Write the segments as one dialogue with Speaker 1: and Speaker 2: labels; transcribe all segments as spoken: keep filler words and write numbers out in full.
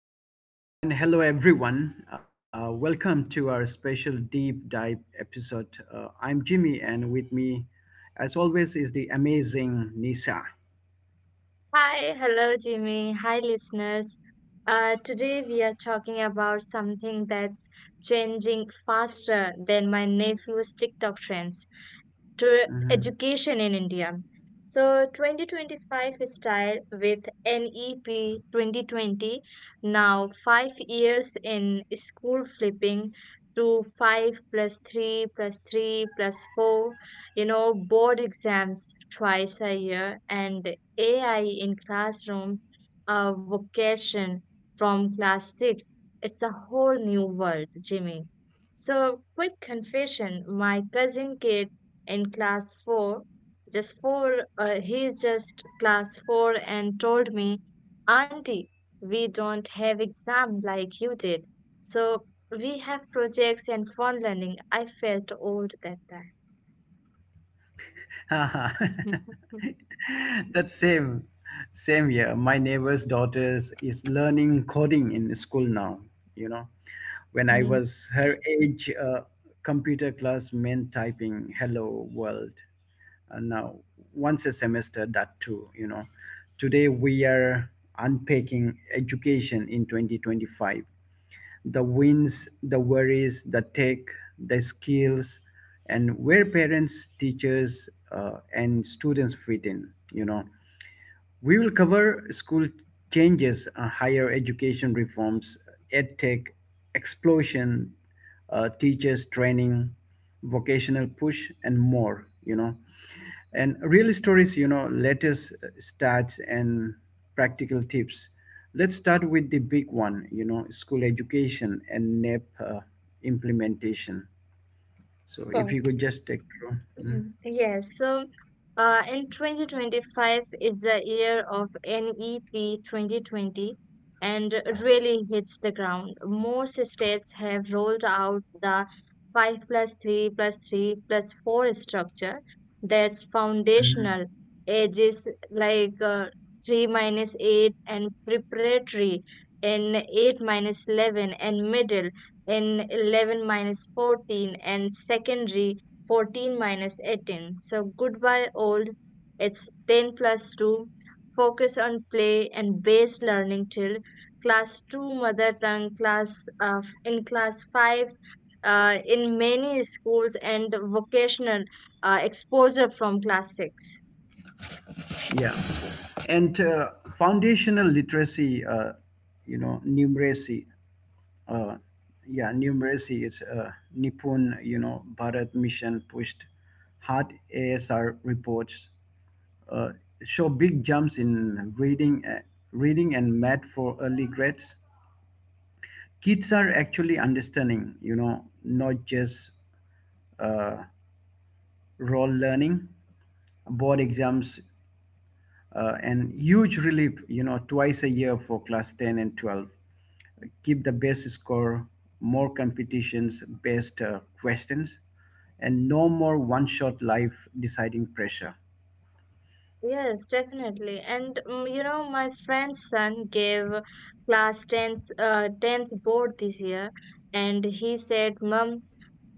Speaker 1: Namaste and hello everyone. Uh, welcome to our special deep dive episode. Uh, I'm Jimmy, and with me, as always, is the amazing Nisa.
Speaker 2: Hi, hello Jimmy. Hi, listeners. Uh, today we are talking about something that's changing faster than my nephew's TikTok trends to
Speaker 1: Mhm.
Speaker 2: education in India. So twenty twenty-five style with N E P twenty twenty, now five years in, school flipping to five plus three plus three plus four, you know board exams twice a year, and A I in classrooms, a vocation from class six. It's a whole new world, Jimmy. So, quick confession: my cousin kid in class four, just four, uh, he's just class four, and told me, auntie, we don't have exam like you did, so we have projects and fun learning. I felt old that time.
Speaker 1: that same, same year. My neighbor's daughter is learning coding in school now. You know, when I
Speaker 2: Of
Speaker 1: was her age, uh, computer class meant typing "Hello World." Uh, now once a semester, that too. You know today we are unpacking education in twenty twenty-five: the wins, the worries, the tech, the skills, and where parents, teachers, uh, and students fit in. You know we will cover school changes, uh, higher education reforms, edtech explosion, uh, teachers training, vocational push, and more. You know and real stories, you know, latest uh, stats and practical tips. Let's start with the big one, you know, school education and N E P uh, implementation. So if you
Speaker 2: course.
Speaker 1: could just take through. Mhm.
Speaker 2: Mhm. Yes, so uh, in twenty twenty-five is the year of N E P twenty twenty and really hits the ground. Most states have rolled out the five plus three plus three plus four structure, that's
Speaker 1: Mhm.
Speaker 2: foundational, ages like uh, three minus eight, and preparatory in eight minus eleven, and middle in eleven minus fourteen, and secondary fourteen minus eighteen. So goodbye old. It's ten plus two. Focus on play and base learning till class two, mother tongue class uh, in class five uh, in many schools, and vocational uh, exposure from class six.
Speaker 1: Yeah. And uh, foundational literacy, uh, you know, numeracy. Uh, yeah, numeracy is uh, Nipun, you know, Bharat Mission pushed hard. A S R reports uh, show big jumps in reading uh, reading and math for early grades. Kids are actually understanding, you know not just uh, role learning. Board exams, uh, and huge relief, you know twice a year for class ten and twelve. Keep the best score, more competitions, best uh, questions, and no more one shot life deciding pressure.
Speaker 2: Yes, definitely. And mm, you know, my friend's son gave class tenth uh, tenth board this year, and he said, mom,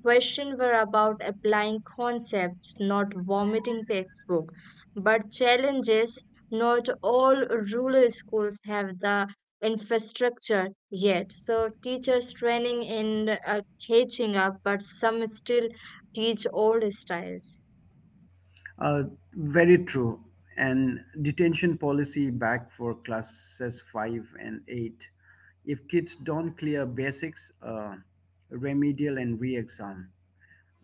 Speaker 2: questions were about applying concepts, not vomiting textbook. But challenges: not all rural schools have the infrastructure yet, so teachers training in uh, catching up, but some still teach old styles.
Speaker 1: Uh, Very true. And detention policy back for classes five and eight. If kids don't clear basics, uh, remedial and re-exam.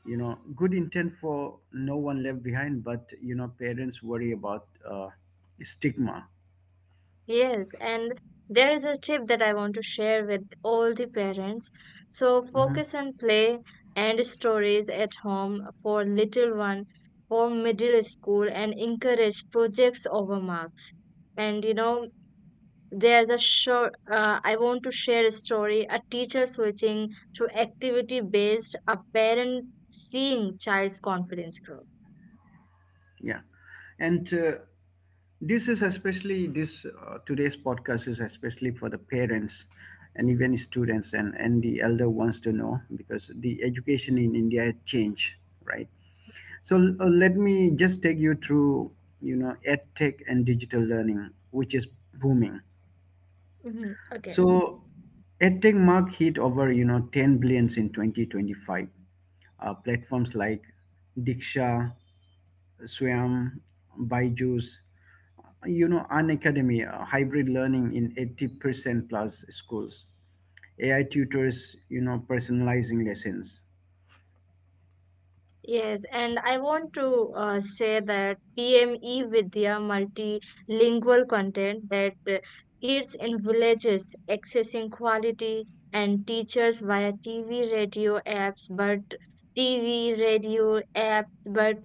Speaker 1: You know, good intent for no one left behind, but you know, parents worry about uh, stigma.
Speaker 2: Yes, and there is a tip that I want to share with all the parents. So
Speaker 1: Mhm.
Speaker 2: focus on play and stories at home for little one, for middle school, and encourage projects over marks. And you know, there's a short, uh, I want to share a story: a teacher switching to activity based, a parent seeing child's confidence grow.
Speaker 1: Yeah, and uh, this is especially this uh, today's podcast is especially for the parents and even students and and the elder ones to know, because the education in India has changed, right? So uh, let me just take you through, you know edtech and digital learning, which is booming.
Speaker 2: Hmm. Okay.
Speaker 1: So edtech mark hit over, you know ten billions in twenty twenty-five. Uh, platforms like Diksha, Swam, Byju's, you know an academy. Uh, hybrid learning in eighty percent plus schools, A I tutors you know personalizing lessons.
Speaker 2: Yes, and I want to uh, say that P M E Vidya multilingual content, that uh, kids in villages accessing quality and teachers via T V radio apps, but T V radio apps, but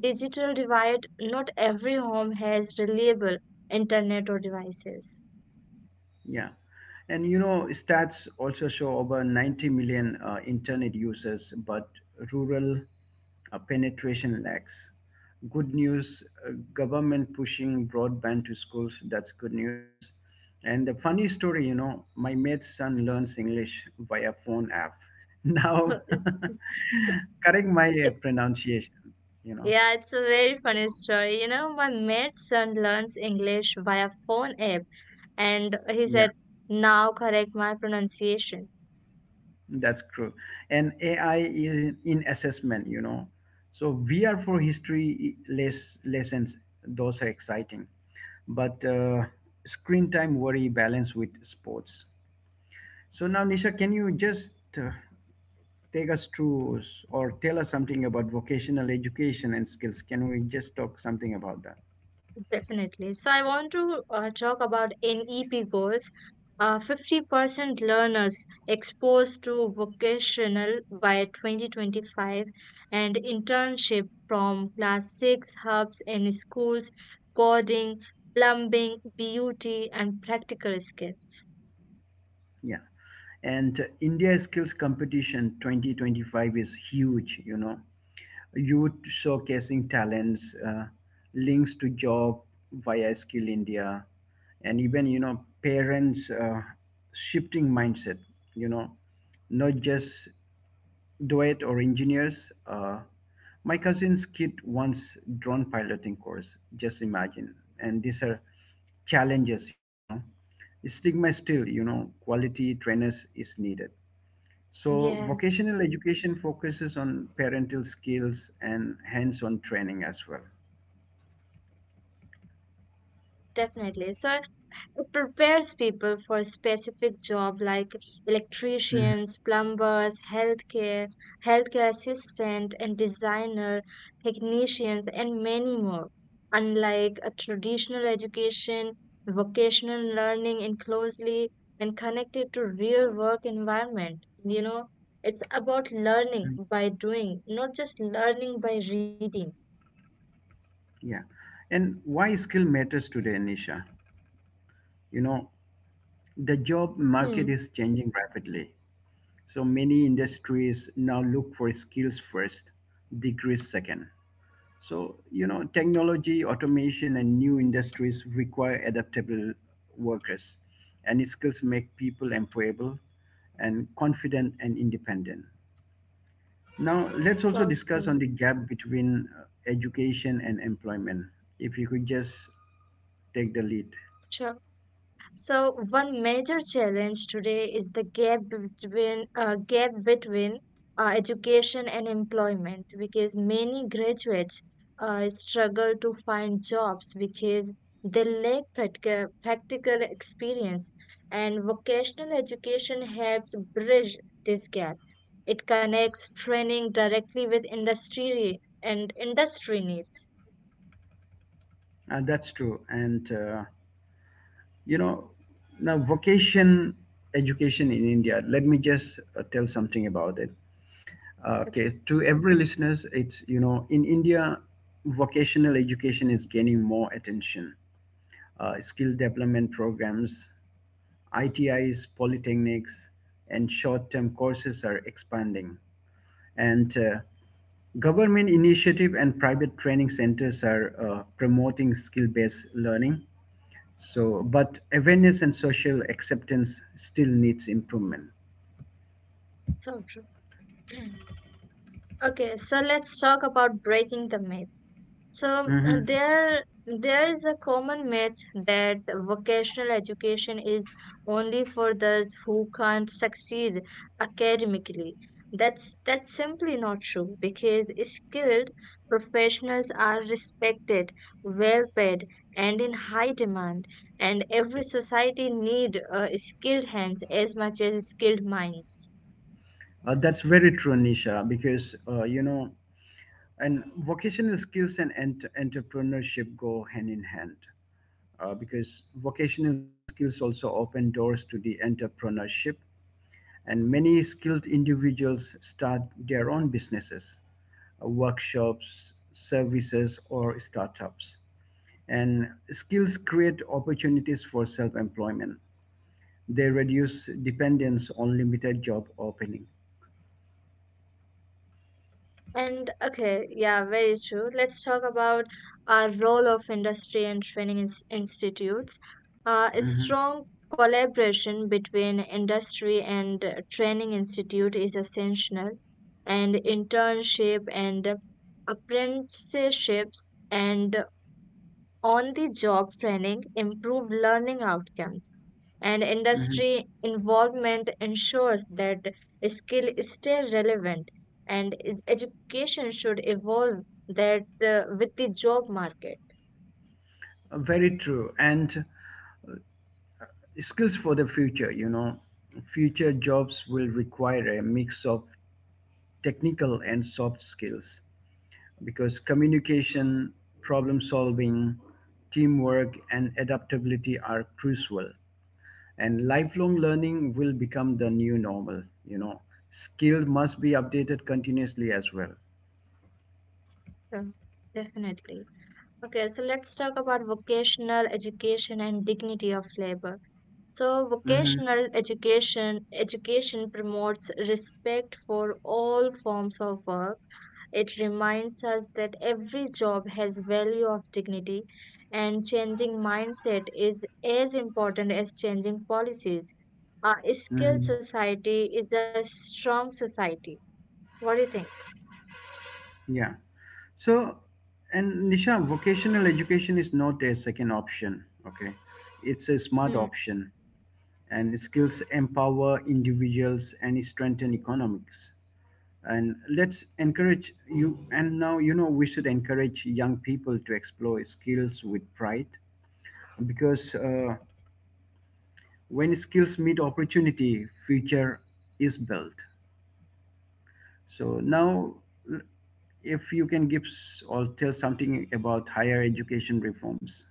Speaker 2: digital divide. Not every home has reliable internet or devices.
Speaker 1: Yeah, and you know stats also show over ninety million uh, internet users, but rural uh, penetration lacks. Good news, uh, government pushing broadband to schools, that's good news. And the funny story, you know, my mate's son learns English via phone app.
Speaker 2: So
Speaker 1: Now,
Speaker 2: it-
Speaker 1: correct my uh, pronunciation, you know.
Speaker 2: yeah, it's a very funny story. You know, my maid's son learns English via phone app, and he
Speaker 1: Yeah,
Speaker 2: said, now correct my pronunciation.
Speaker 1: that's true. And A I in, in assessment, you know. So V R for history less lessons, those are exciting. But uh, screen time worry balance with sports. So now, Nisha, can you just uh, take us through, s- or tell us something about vocational education and skills? Can we just talk something about that?
Speaker 2: Definitely. So I want to uh, talk about NEP goals. uh, fifty percent learners exposed to vocational by twenty twenty-five, and internship from class six, hubs in schools, coding, plumbing, beauty, and practical skills.
Speaker 1: Yeah. And uh, India Skills Competition twenty twenty-five is huge, you know, youth showcasing talents, uh, links to job via Skill India, and even, you know, parents uh, shifting mindset, you know, not just duet or engineers. Uh, my cousin's kid once drone piloting course. Just imagine. And these are challenges, you know. Stigma still, you know, quality trainers is needed. So
Speaker 2: Yes,
Speaker 1: vocational education focuses on parental skills and hands-on training as well.
Speaker 2: definitely. So it prepares people for specific job, like electricians, plumbers, healthcare, healthcare assistant and designer, technicians, and many more. Unlike a traditional education, vocational learning is closely and connected to real work environment. You know, it's about
Speaker 1: Mhm.
Speaker 2: learning by doing, not just learning by reading.
Speaker 1: Yeah. And why skill matters today, Nisha? You know, the job
Speaker 2: Hmm.
Speaker 1: market is changing rapidly. So many industries now look for skills first, degrees second. So, you know, technology, automation, and new industries require adaptable workers, and skills make people employable and confident and independent. Now, let's
Speaker 2: So
Speaker 1: also
Speaker 2: true.
Speaker 1: discuss on the gap between uh, education and employment. If you could just take the lead.
Speaker 2: Sure. So one major challenge today is the gap between uh, gap between uh, education and employment, because many graduates uh, struggle to find jobs because they lack practical, practical experience, and vocational education helps bridge this gap. It connects training directly with industry and industry needs.
Speaker 1: Uh, that's true. And uh, you know now vocation education in India, let me just uh, tell something about it. Uh, okay,
Speaker 2: Okay,
Speaker 1: to every listeners, it's, you know in India, vocational education is gaining more attention. Uh, skill development programs, itis, polytechnics, and short-term courses are expanding, and uh, government initiative and private training centers are uh, promoting skill-based learning. So, but awareness and social acceptance still needs improvement.
Speaker 2: so true. Okay, so let's talk about breaking the myth. So uh,
Speaker 1: Mhm.
Speaker 2: there there is a common myth that vocational education is only for those who can't succeed academically. That's that's simply not true, because skilled professionals are respected, well paid, and in high demand. And every society need uh, skilled hands as much as skilled minds.
Speaker 1: Uh, that's very true, Nisha, because, uh, you know, and vocational skills and ent- entrepreneurship go hand in hand, uh, because vocational skills also open doors to the entrepreneurship. And many skilled individuals start their own businesses, uh, workshops, services, or startups. And skills create opportunities for self employment. They reduce dependence on limited job opening.
Speaker 2: And okay, yeah, very true. Let's talk about our role of industry and training ins- institutes. Uh, a
Speaker 1: Mhm,
Speaker 2: strong collaboration between industry and uh, training institute is essential, and internship and apprenticeships and on the job training improve learning outcomes, and
Speaker 1: mhm.
Speaker 2: industry involvement ensures that skill stay relevant, and ed- education should evolve that uh, with the job market.
Speaker 1: Very true. And skills for the future, you know, future jobs will require a mix of technical and soft skills, because communication, problem solving, teamwork, and adaptability are crucial. And lifelong learning will become the new normal, you know. Skill must be updated continuously as well.
Speaker 2: Mm. Definitely. Okay, so let's talk about vocational education and dignity of labor. So
Speaker 1: Hmm.
Speaker 2: vocational education education promotes respect for all forms of work. It reminds us that every job has value of dignity, and changing mindset is as important as changing policies. A skilled
Speaker 1: Hmm.
Speaker 2: society is a strong society. What do you think?
Speaker 1: Yeah. So, and Nisha, vocational education is not a second option, okay? It's a smart
Speaker 2: Hmm.
Speaker 1: option, and skills empower individuals and strengthen economics. And let's encourage you, and now, you know, we should encourage young people to explore skills with pride, because uh, when skills meet opportunity, future is built. So, now, if you can give, s- or tell something about higher education reforms.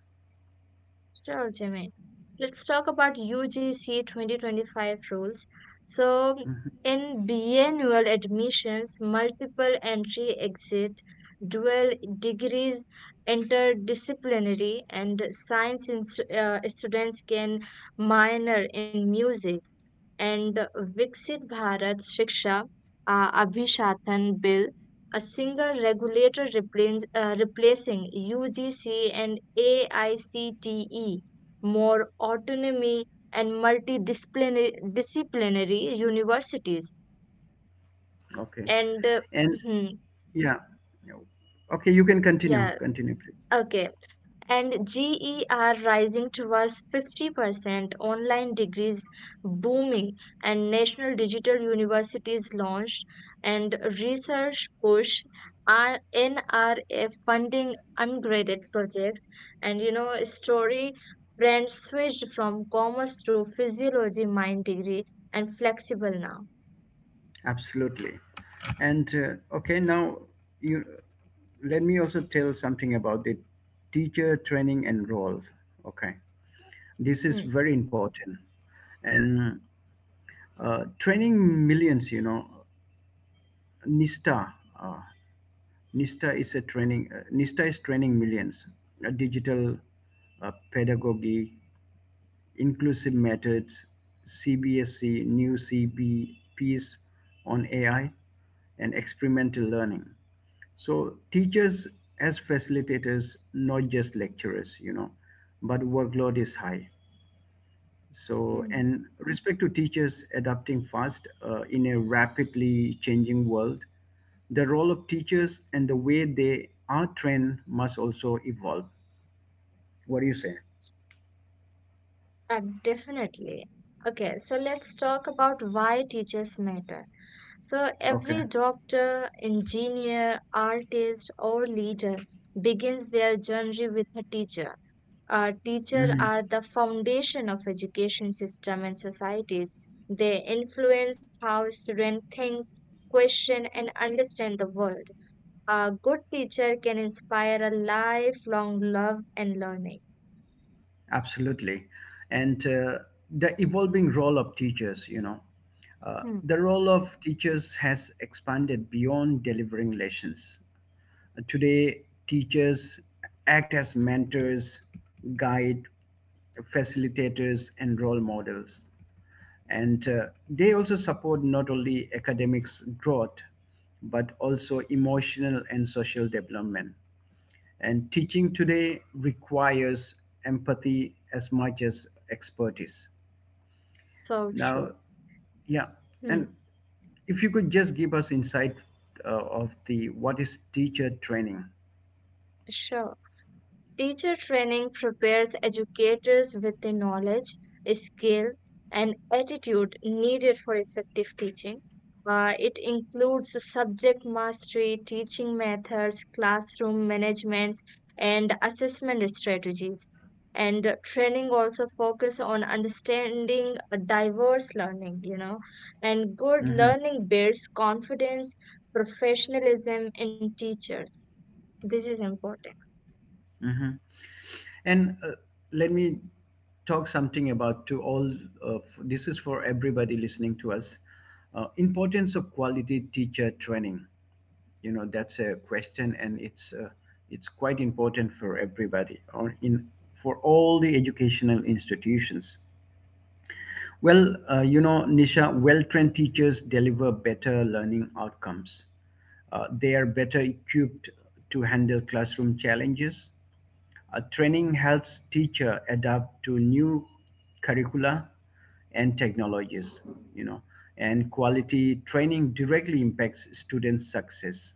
Speaker 2: Sure, Jimmy. Let's talk about U G C twenty twenty-five rules. So,
Speaker 1: Mm-hmm.
Speaker 2: in biennial admissions, multiple entry exit, dual degrees, interdisciplinary, and science in, uh, students can minor in music. And Viksit Bharat Shiksha uh, Abhishatan Bill, a single regulator replace, uh, replacing U G C and A I C T E, more autonomy and multidisciplinary disciplinary universities.
Speaker 1: Okay.
Speaker 2: And uh,
Speaker 1: And
Speaker 2: hmm,
Speaker 1: yeah. Yeah. Okay, you can continue.
Speaker 2: yeah,
Speaker 1: Continue, please.
Speaker 2: okay. And G E are rising towards fifty percent, online degrees booming, and national digital universities launched, and research push, R- N R A funding ungraded projects. And you know, story: friends switched from commerce to physiology mind degree, and flexible now.
Speaker 1: Absolutely. And uh, okay, now you let me also tell something about the teacher training and role. Okay. This is
Speaker 2: Hmm.
Speaker 1: very important. And uh, training millions, you know, NISTA. Uh, NISTA is a training. Uh, NISTA is training millions. A digital uh, pedagogy, inclusive methods, C B S E new C B C B Ps on A I, and experimental learning. So teachers as facilitators, not just lecturers, you know, but workload is high. So,
Speaker 2: Hmm.
Speaker 1: and respect to teachers adapting fast, uh, in a rapidly changing world, the role of teachers and the way they are trained must also evolve. What do you say?
Speaker 2: Uh, definitely. Okay, so let's talk about why teachers matter. So
Speaker 1: Okay.
Speaker 2: every doctor, engineer, artist, or leader begins their journey with a teacher. Uh, teachers
Speaker 1: Mhm.
Speaker 2: are the foundation of education system and societies. They influence how students think, question, and understand the world. A good teacher can inspire a lifelong love and learning.
Speaker 1: Absolutely. And uh, the evolving role of teachers, you know, uh,
Speaker 2: Hmm.
Speaker 1: the role of teachers has expanded beyond delivering lessons. Uh, Today, teachers act as mentors, guide, facilitators, and role models. And uh, they also support not only academics growth, but also emotional and social development. And teaching today requires empathy as much as expertise.
Speaker 2: So
Speaker 1: Now,
Speaker 2: true.
Speaker 1: yeah,
Speaker 2: Hmm.
Speaker 1: and if you could just give us insight uh, of the what is teacher training.
Speaker 2: Sure. Teacher training prepares educators with the knowledge, skill, and attitude needed for effective teaching. Uh, it includes subject mastery, teaching methods, classroom management, and assessment strategies. And training also focus on understanding diverse learning, you know, and good
Speaker 1: Hmm.
Speaker 2: learning builds confidence, professionalism in teachers. This is important.
Speaker 1: Hmm. And uh, let me talk something about to all of this is for everybody listening to us. Uh, importance of quality teacher training. You know that's a question, and it's uh, it's quite important for everybody, or in for all the educational institutions. Well, uh, you know Nisha, well-trained teachers deliver better learning outcomes. Uh, they are better equipped to handle classroom challenges. Uh, training helps teacher adapt to new curricula and technologies, you know and quality training directly impacts students success,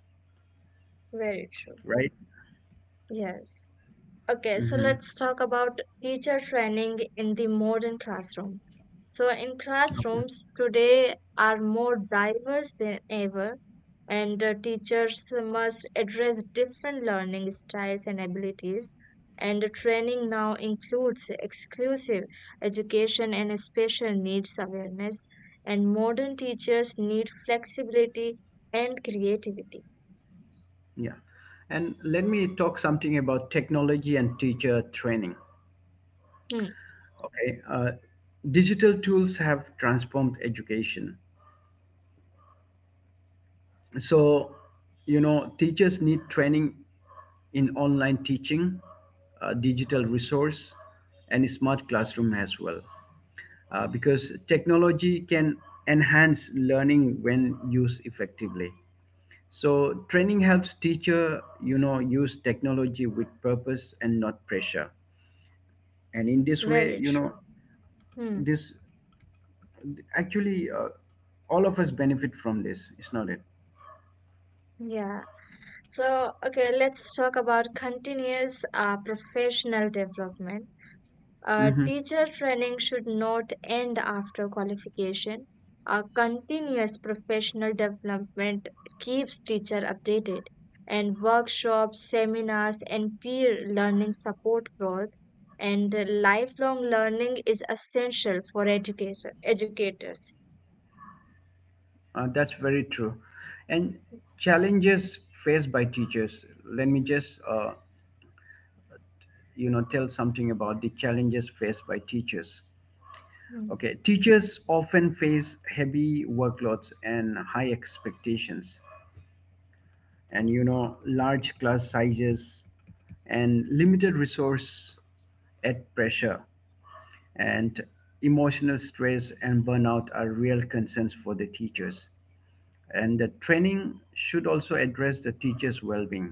Speaker 2: Very true.
Speaker 1: right?
Speaker 2: Yes. Okay, so
Speaker 1: Mm-hmm.
Speaker 2: let's talk about teacher training in the modern classroom. So, in
Speaker 1: Okay.
Speaker 2: classrooms today are more diverse than ever, and uh, teachers must address different learning styles and abilities. And the training now includes exclusive education and special needs awareness. And modern teachers need flexibility and creativity.
Speaker 1: Yeah. And let me talk something about technology and teacher training.
Speaker 2: Hmm,
Speaker 1: Okay. Uh, digital tools have transformed education. So, you know, teachers need training in online teaching, uh, digital resource, and smart classroom as well. Uh, because technology can enhance learning when used effectively. So training helps teacher, you know, use technology with purpose and not pressure. And in this way,
Speaker 2: very
Speaker 1: you
Speaker 2: true.
Speaker 1: know
Speaker 2: Hmm,
Speaker 1: this actually uh, all of us benefit from this, it's not it.
Speaker 2: yeah. So, okay, let's talk about continuous uh, professional development. Uh,
Speaker 1: Hmm.
Speaker 2: teacher training should not end after qualification. Uh, continuous professional development keeps teacher updated, and workshops, seminars, and peer learning support growth. And lifelong learning is essential for educator educators.
Speaker 1: Uh, that's very true. And challenges faced by teachers, let me just, uh, you know tell something about the challenges faced by teachers.
Speaker 2: Mm.
Speaker 1: Okay, teachers often face heavy workloads and high expectations, and, you know large class sizes and limited resource at pressure, and emotional stress and burnout are real concerns for the teachers, and the training should also address the teachers well-being.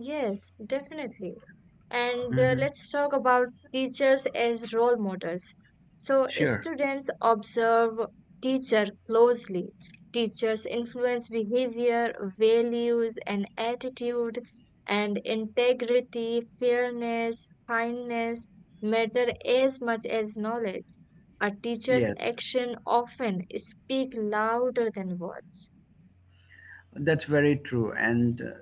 Speaker 2: Yes, definitely. And uh,
Speaker 1: Hmm.
Speaker 2: let's talk about teachers as role models. So,
Speaker 1: Sure.
Speaker 2: students observe teacher closely. Teachers influence behavior, values, and attitude, and integrity, fairness, kindness matter as much as knowledge. A teacher's
Speaker 1: Yes,
Speaker 2: action often speak louder than words.
Speaker 1: that's very true. And uh,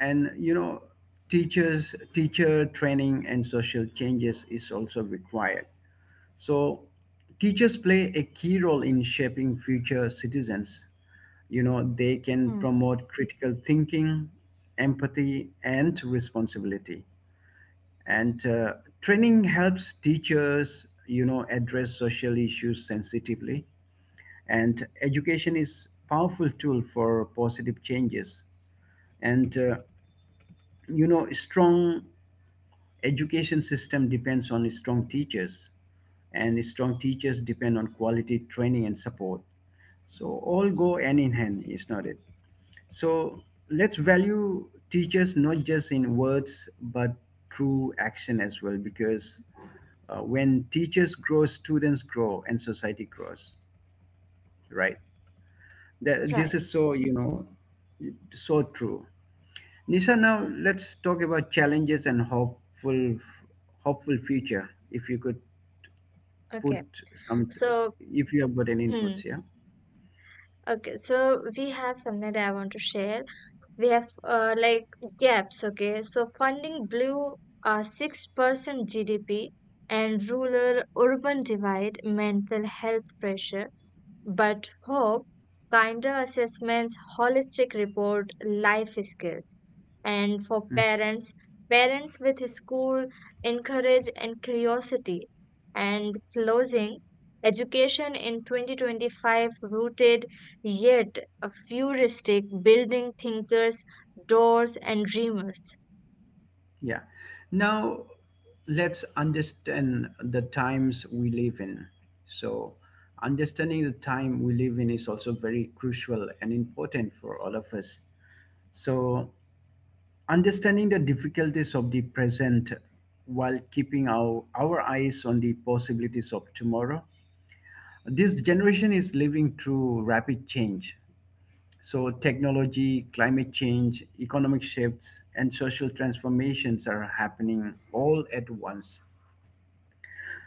Speaker 1: and you know teachers teacher training and social changes is also required. So teachers play a key role in shaping future citizens. You know they
Speaker 2: Hmm.
Speaker 1: can promote critical thinking, empathy, and responsibility. And uh, training helps teachers, you know address social issues sensitively, and education is powerful tool for positive changes. And uh, you know strong education system depends on strong teachers, and strong teachers depend on quality training and support, so all go hand in hand, is not it? So let's value teachers not just in words, but through action as well, because uh, when teachers grow, students grow, and society grows, right? That,
Speaker 2: Right.
Speaker 1: this is so, you know so true, Nisa. Now let's talk about challenges and hopeful hopeful future. If you could
Speaker 2: Okay.
Speaker 1: put some,
Speaker 2: So,
Speaker 1: if you have got any
Speaker 2: hmm.
Speaker 1: inputs, yeah.
Speaker 2: Okay. So we have something that I want to share. We have uh, like gaps. Okay, so funding blew a six percent GDP and rural urban divide, mental health pressure, but hope: kinder assessments, holistic report, life skills. And for
Speaker 1: Mm,
Speaker 2: parents, parents with school encourage and curiosity. And closing: education in twenty twenty-five rooted yet a futuristic building thinkers, doors and dreamers.
Speaker 1: yeah. Now let's understand the times we live in. So understanding the time we live in is also very crucial and important for all of us. So, understanding the difficulties of the present while keeping our, our eyes on the possibilities of tomorrow. This generation is living through rapid change. So, technology, climate change, economic shifts, and social transformations are happening all at once.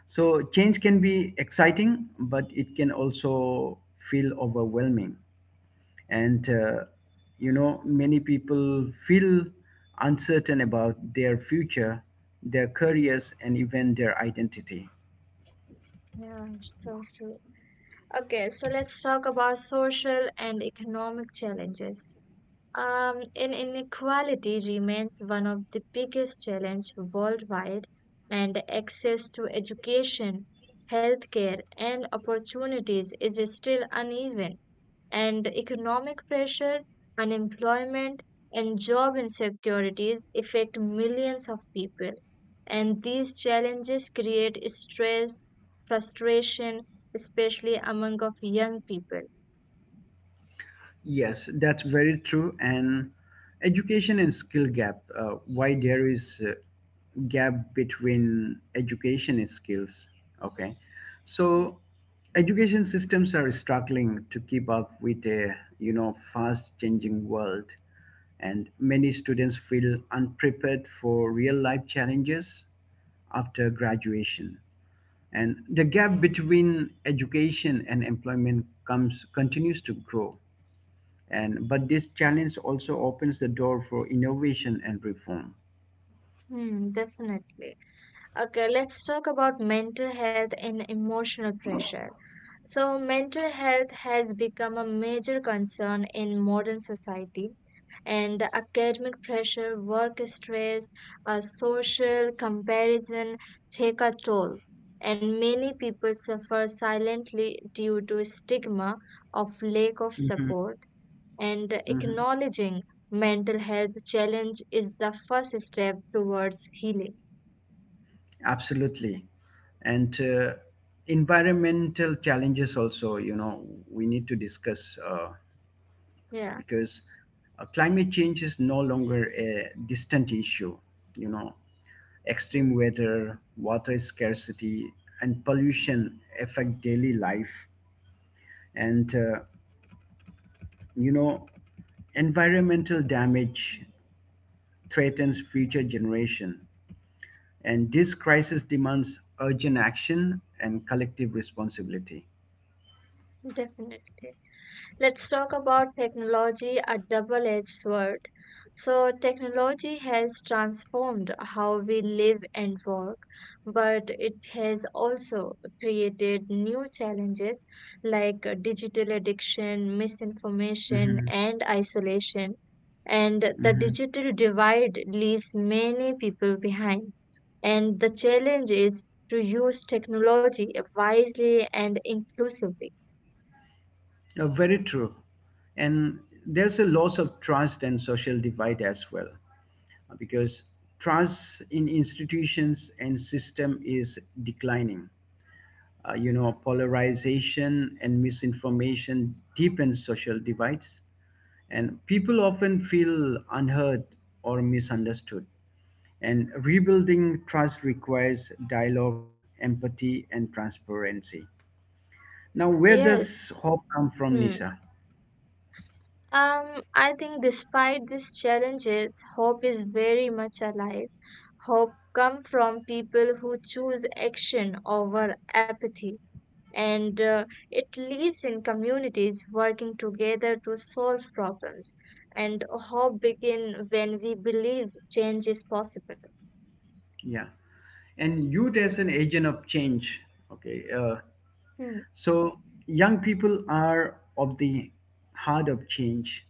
Speaker 1: So, change can be exciting, but it can also feel overwhelming. And uh, you know many people feel uncertain about their future, their careers, and even their identity.
Speaker 2: Yeah, it's so true. Okay, so let's talk about social and economic challenges. Um, in- inequality remains one of the biggest challenges worldwide, and access to education, healthcare, and opportunities is still uneven. And economic pressure, unemployment, and job insecurities affect millions of people. And these challenges create stress, frustration, especially among of young people.
Speaker 1: Yes, that's very true. And education and skill gap, uh, why there is a gap between education and skills. Okay. So education systems are struggling to keep up with a, you know, fast changing world. And many students feel unprepared for real life challenges after graduation. And the gap between education and employment comes continues to grow and but this challenge also opens the door for innovation and reform
Speaker 2: Hmm, definitely. Okay, let's talk about mental health and emotional pressure. So, mental health has become a major concern in modern society, and the academic pressure, work stress, uh, social comparison take a toll. And many people suffer silently due to stigma of lack of
Speaker 1: hmm
Speaker 2: support. And
Speaker 1: hmm
Speaker 2: acknowledging mental health challenge is the first step towards healing.
Speaker 1: Absolutely. And uh, Environmental challenges also, you know, we need to discuss uh,
Speaker 2: Yeah.
Speaker 1: because uh, climate change is no longer a distant issue. You know,
Speaker 2: Hmm.
Speaker 1: extreme weather, water scarcity, and pollution affect daily life. And, uh, you know, Environmental damage threatens future generations, and this crisis demands urgent action and collective responsibility.
Speaker 2: Definitely. Let's talk about technology, a double-edged sword. So, technology has transformed how we live and work, but it has also created new challenges like digital addiction, misinformation,
Speaker 1: hmm
Speaker 2: and isolation. And the
Speaker 1: hmm
Speaker 2: digital divide leaves many people behind. And the challenge is to use technology wisely and inclusively.
Speaker 1: Very true. And there's a loss of trust and social divide as well, because trust in institutions and system is declining. Uh, you know, polarization and misinformation deepens social divides, and people often feel unheard or misunderstood. And rebuilding trust requires dialogue, empathy, and transparency. Now, where
Speaker 2: Yes.
Speaker 1: does hope come from,
Speaker 2: Hmm.
Speaker 1: Nisha?
Speaker 2: Um, I think despite these challenges, hope is very much alive. Hope comes from people who choose action over apathy, and uh, it lives in communities working together to solve problems. And hope begins when we believe change is possible.
Speaker 1: Yeah. And youth as an agent of change. Okay. Uh,
Speaker 2: Hmm.
Speaker 1: so, young people are of the heart of change.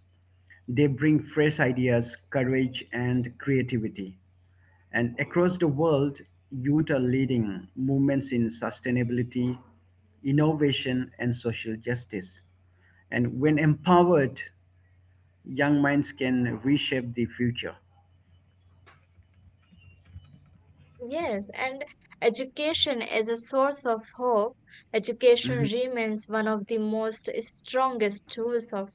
Speaker 1: They bring fresh ideas, courage, and creativity. And across the world, youth are leading movements in sustainability, innovation, and social justice. And when empowered, young minds can reshape the future.
Speaker 2: Yes, and education is a source of hope. Education
Speaker 1: Mhm,
Speaker 2: remains one of the most strongest tools of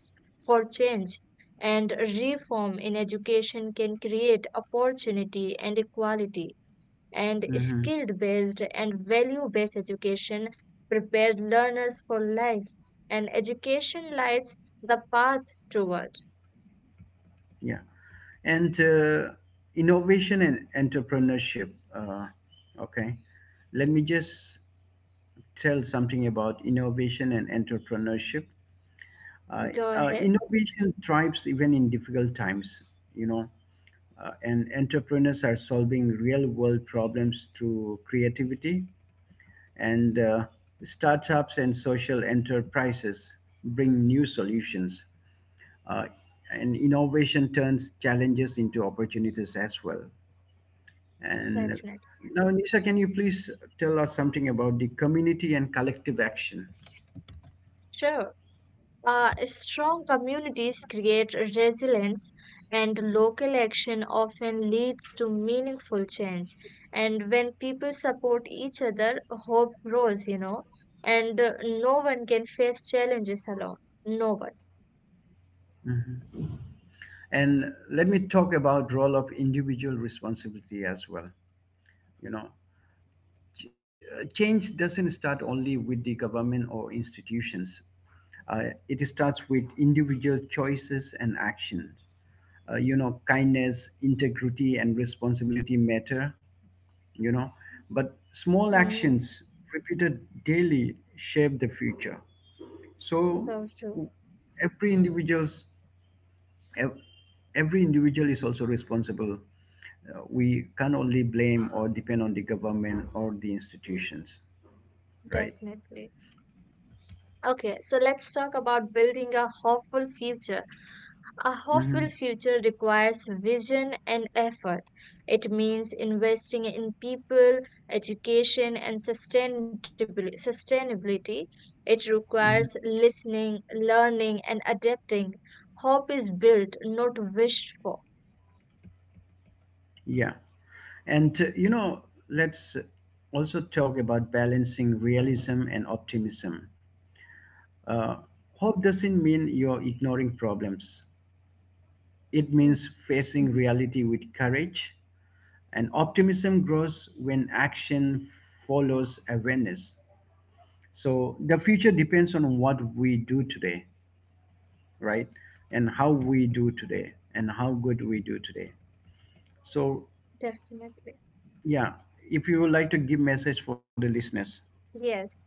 Speaker 2: for change, and reform in education can create opportunity and equality. And
Speaker 1: mhm,
Speaker 2: skill-based and value-based education prepares learners for life, and education lights the path toward.
Speaker 1: yeah. And uh, Innovation and entrepreneurship. Uh, okay. Let me just tell something about innovation and entrepreneurship. Uh,
Speaker 2: Go
Speaker 1: uh,
Speaker 2: ahead,
Speaker 1: Innovation thrives even in difficult times, you know, uh, and entrepreneurs are solving real world problems through creativity, and uh, startups and social enterprises bring new solutions. Uh, and innovation turns challenges into opportunities as well. And
Speaker 2: definitely.
Speaker 1: now, Nisha, can you please tell us something about the community and collective action?
Speaker 2: Sure. Uh, strong communities create resilience, and local action often leads to meaningful change. And when people support each other, hope grows, you know, and uh, no one can face challenges alone. No one.
Speaker 1: Mhm. And let me talk about role of individual responsibility as well. You know, uh, Change doesn't start only with the government or institutions. Uh, it starts with individual choices and action. Uh, you know kindness, integrity, and responsibility matter you know but small
Speaker 2: Hmm.
Speaker 1: actions repeated daily, shape the future. so
Speaker 2: So true,
Speaker 1: w- every individual's ev- every individual is also responsible. Uh, we can only blame or depend on the government or the institutions right
Speaker 2: definitely. Okay, so let's talk about building a hopeful future. A
Speaker 1: hmm
Speaker 2: hopeful future requires vision and effort. It means investing in people, education, and sustainabili- sustainability. It requires
Speaker 1: hmm
Speaker 2: listening, learning, and adapting. Hope is built, not wished for.
Speaker 1: yeah and uh, you know Let's also talk about balancing realism and optimism. Uh, Hope doesn't mean you're ignoring problems. It
Speaker 2: Hmm,
Speaker 1: means facing reality with courage, and optimism grows when action follows awareness. So the future depends on what we do today, right? And how we do today, and how good we do today. So,
Speaker 2: definitely.
Speaker 1: yeah, if you would like to give message for the listeners,
Speaker 2: Yes.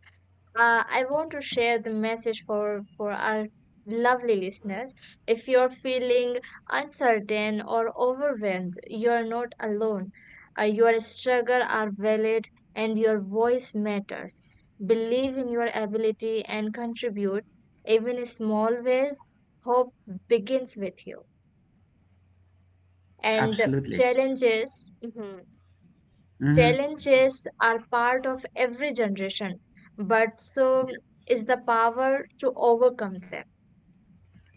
Speaker 2: Uh, I want to share the message for, for our lovely listeners. If you're feeling uncertain or overwhelmed, you're not alone. Uh, your struggles are valid and your voice matters. Believe in your ability and contribute, even in small ways. Hope begins with you. And
Speaker 1: absolutely.
Speaker 2: challenges. Mhm.
Speaker 1: Hmm.
Speaker 2: Challenges are part of every generation, but so is the power to overcome them.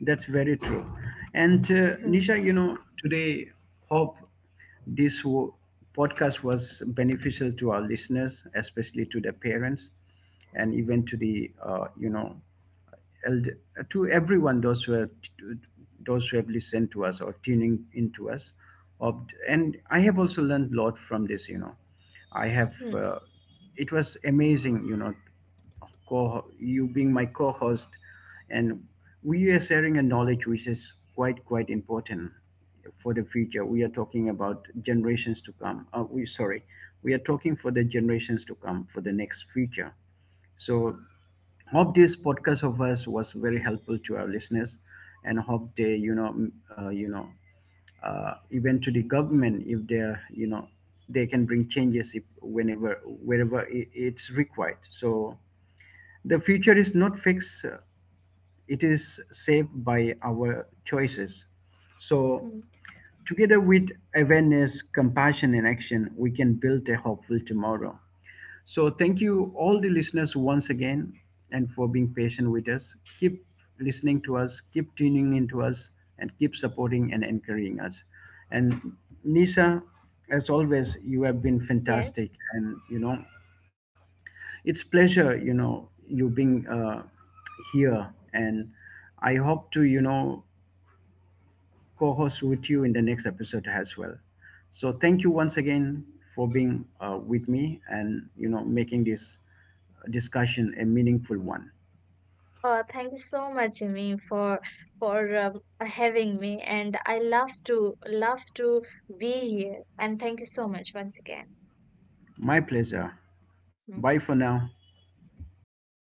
Speaker 1: That's very true. And uh,
Speaker 2: Hmm,
Speaker 1: Nisha, you know, today hope This w- podcast was beneficial to our listeners, especially to the parents, and even to the uh, you know eld- to everyone those who have those who have listened to us or tuning into us. Of- And I have also learned a lot from this. You know, I have.
Speaker 2: hmm,
Speaker 1: Uh, It was amazing. You know, co you being my co-host and we are sharing a knowledge which is quite quite important for the future. We are talking about generations to come. Uh, we sorry, we are talking for the generations to come for the next future. So hope this podcast of us was very helpful to our listeners, and hope they you know m- uh, you know uh, even to the government, if they are, you know, they can bring changes if whenever wherever i- it's required. So the future is not fixed. uh, It is saved by our choices. So
Speaker 2: hmm.
Speaker 1: together with awareness, compassion, and action, we can build a hopeful tomorrow. So, thank you, all the listeners, once again, and for being patient with us. Keep listening to us, keep tuning into us, and keep supporting and encouraging us. And, Nisha, as always, you have
Speaker 2: Yes.
Speaker 1: been fantastic. And, you know, it's pleasure, you know, you being uh, here. And I hope to, you know, co host with you in the next episode as well. So thank you once again for being uh, with me, and you know, making this discussion a meaningful one.
Speaker 2: Uh, thank you so much, Jimmy, for for um, having me. And I love to love to be here. And thank you so much once again.
Speaker 1: My pleasure.
Speaker 2: Hmm.
Speaker 1: Bye for now.
Speaker 2: Bye.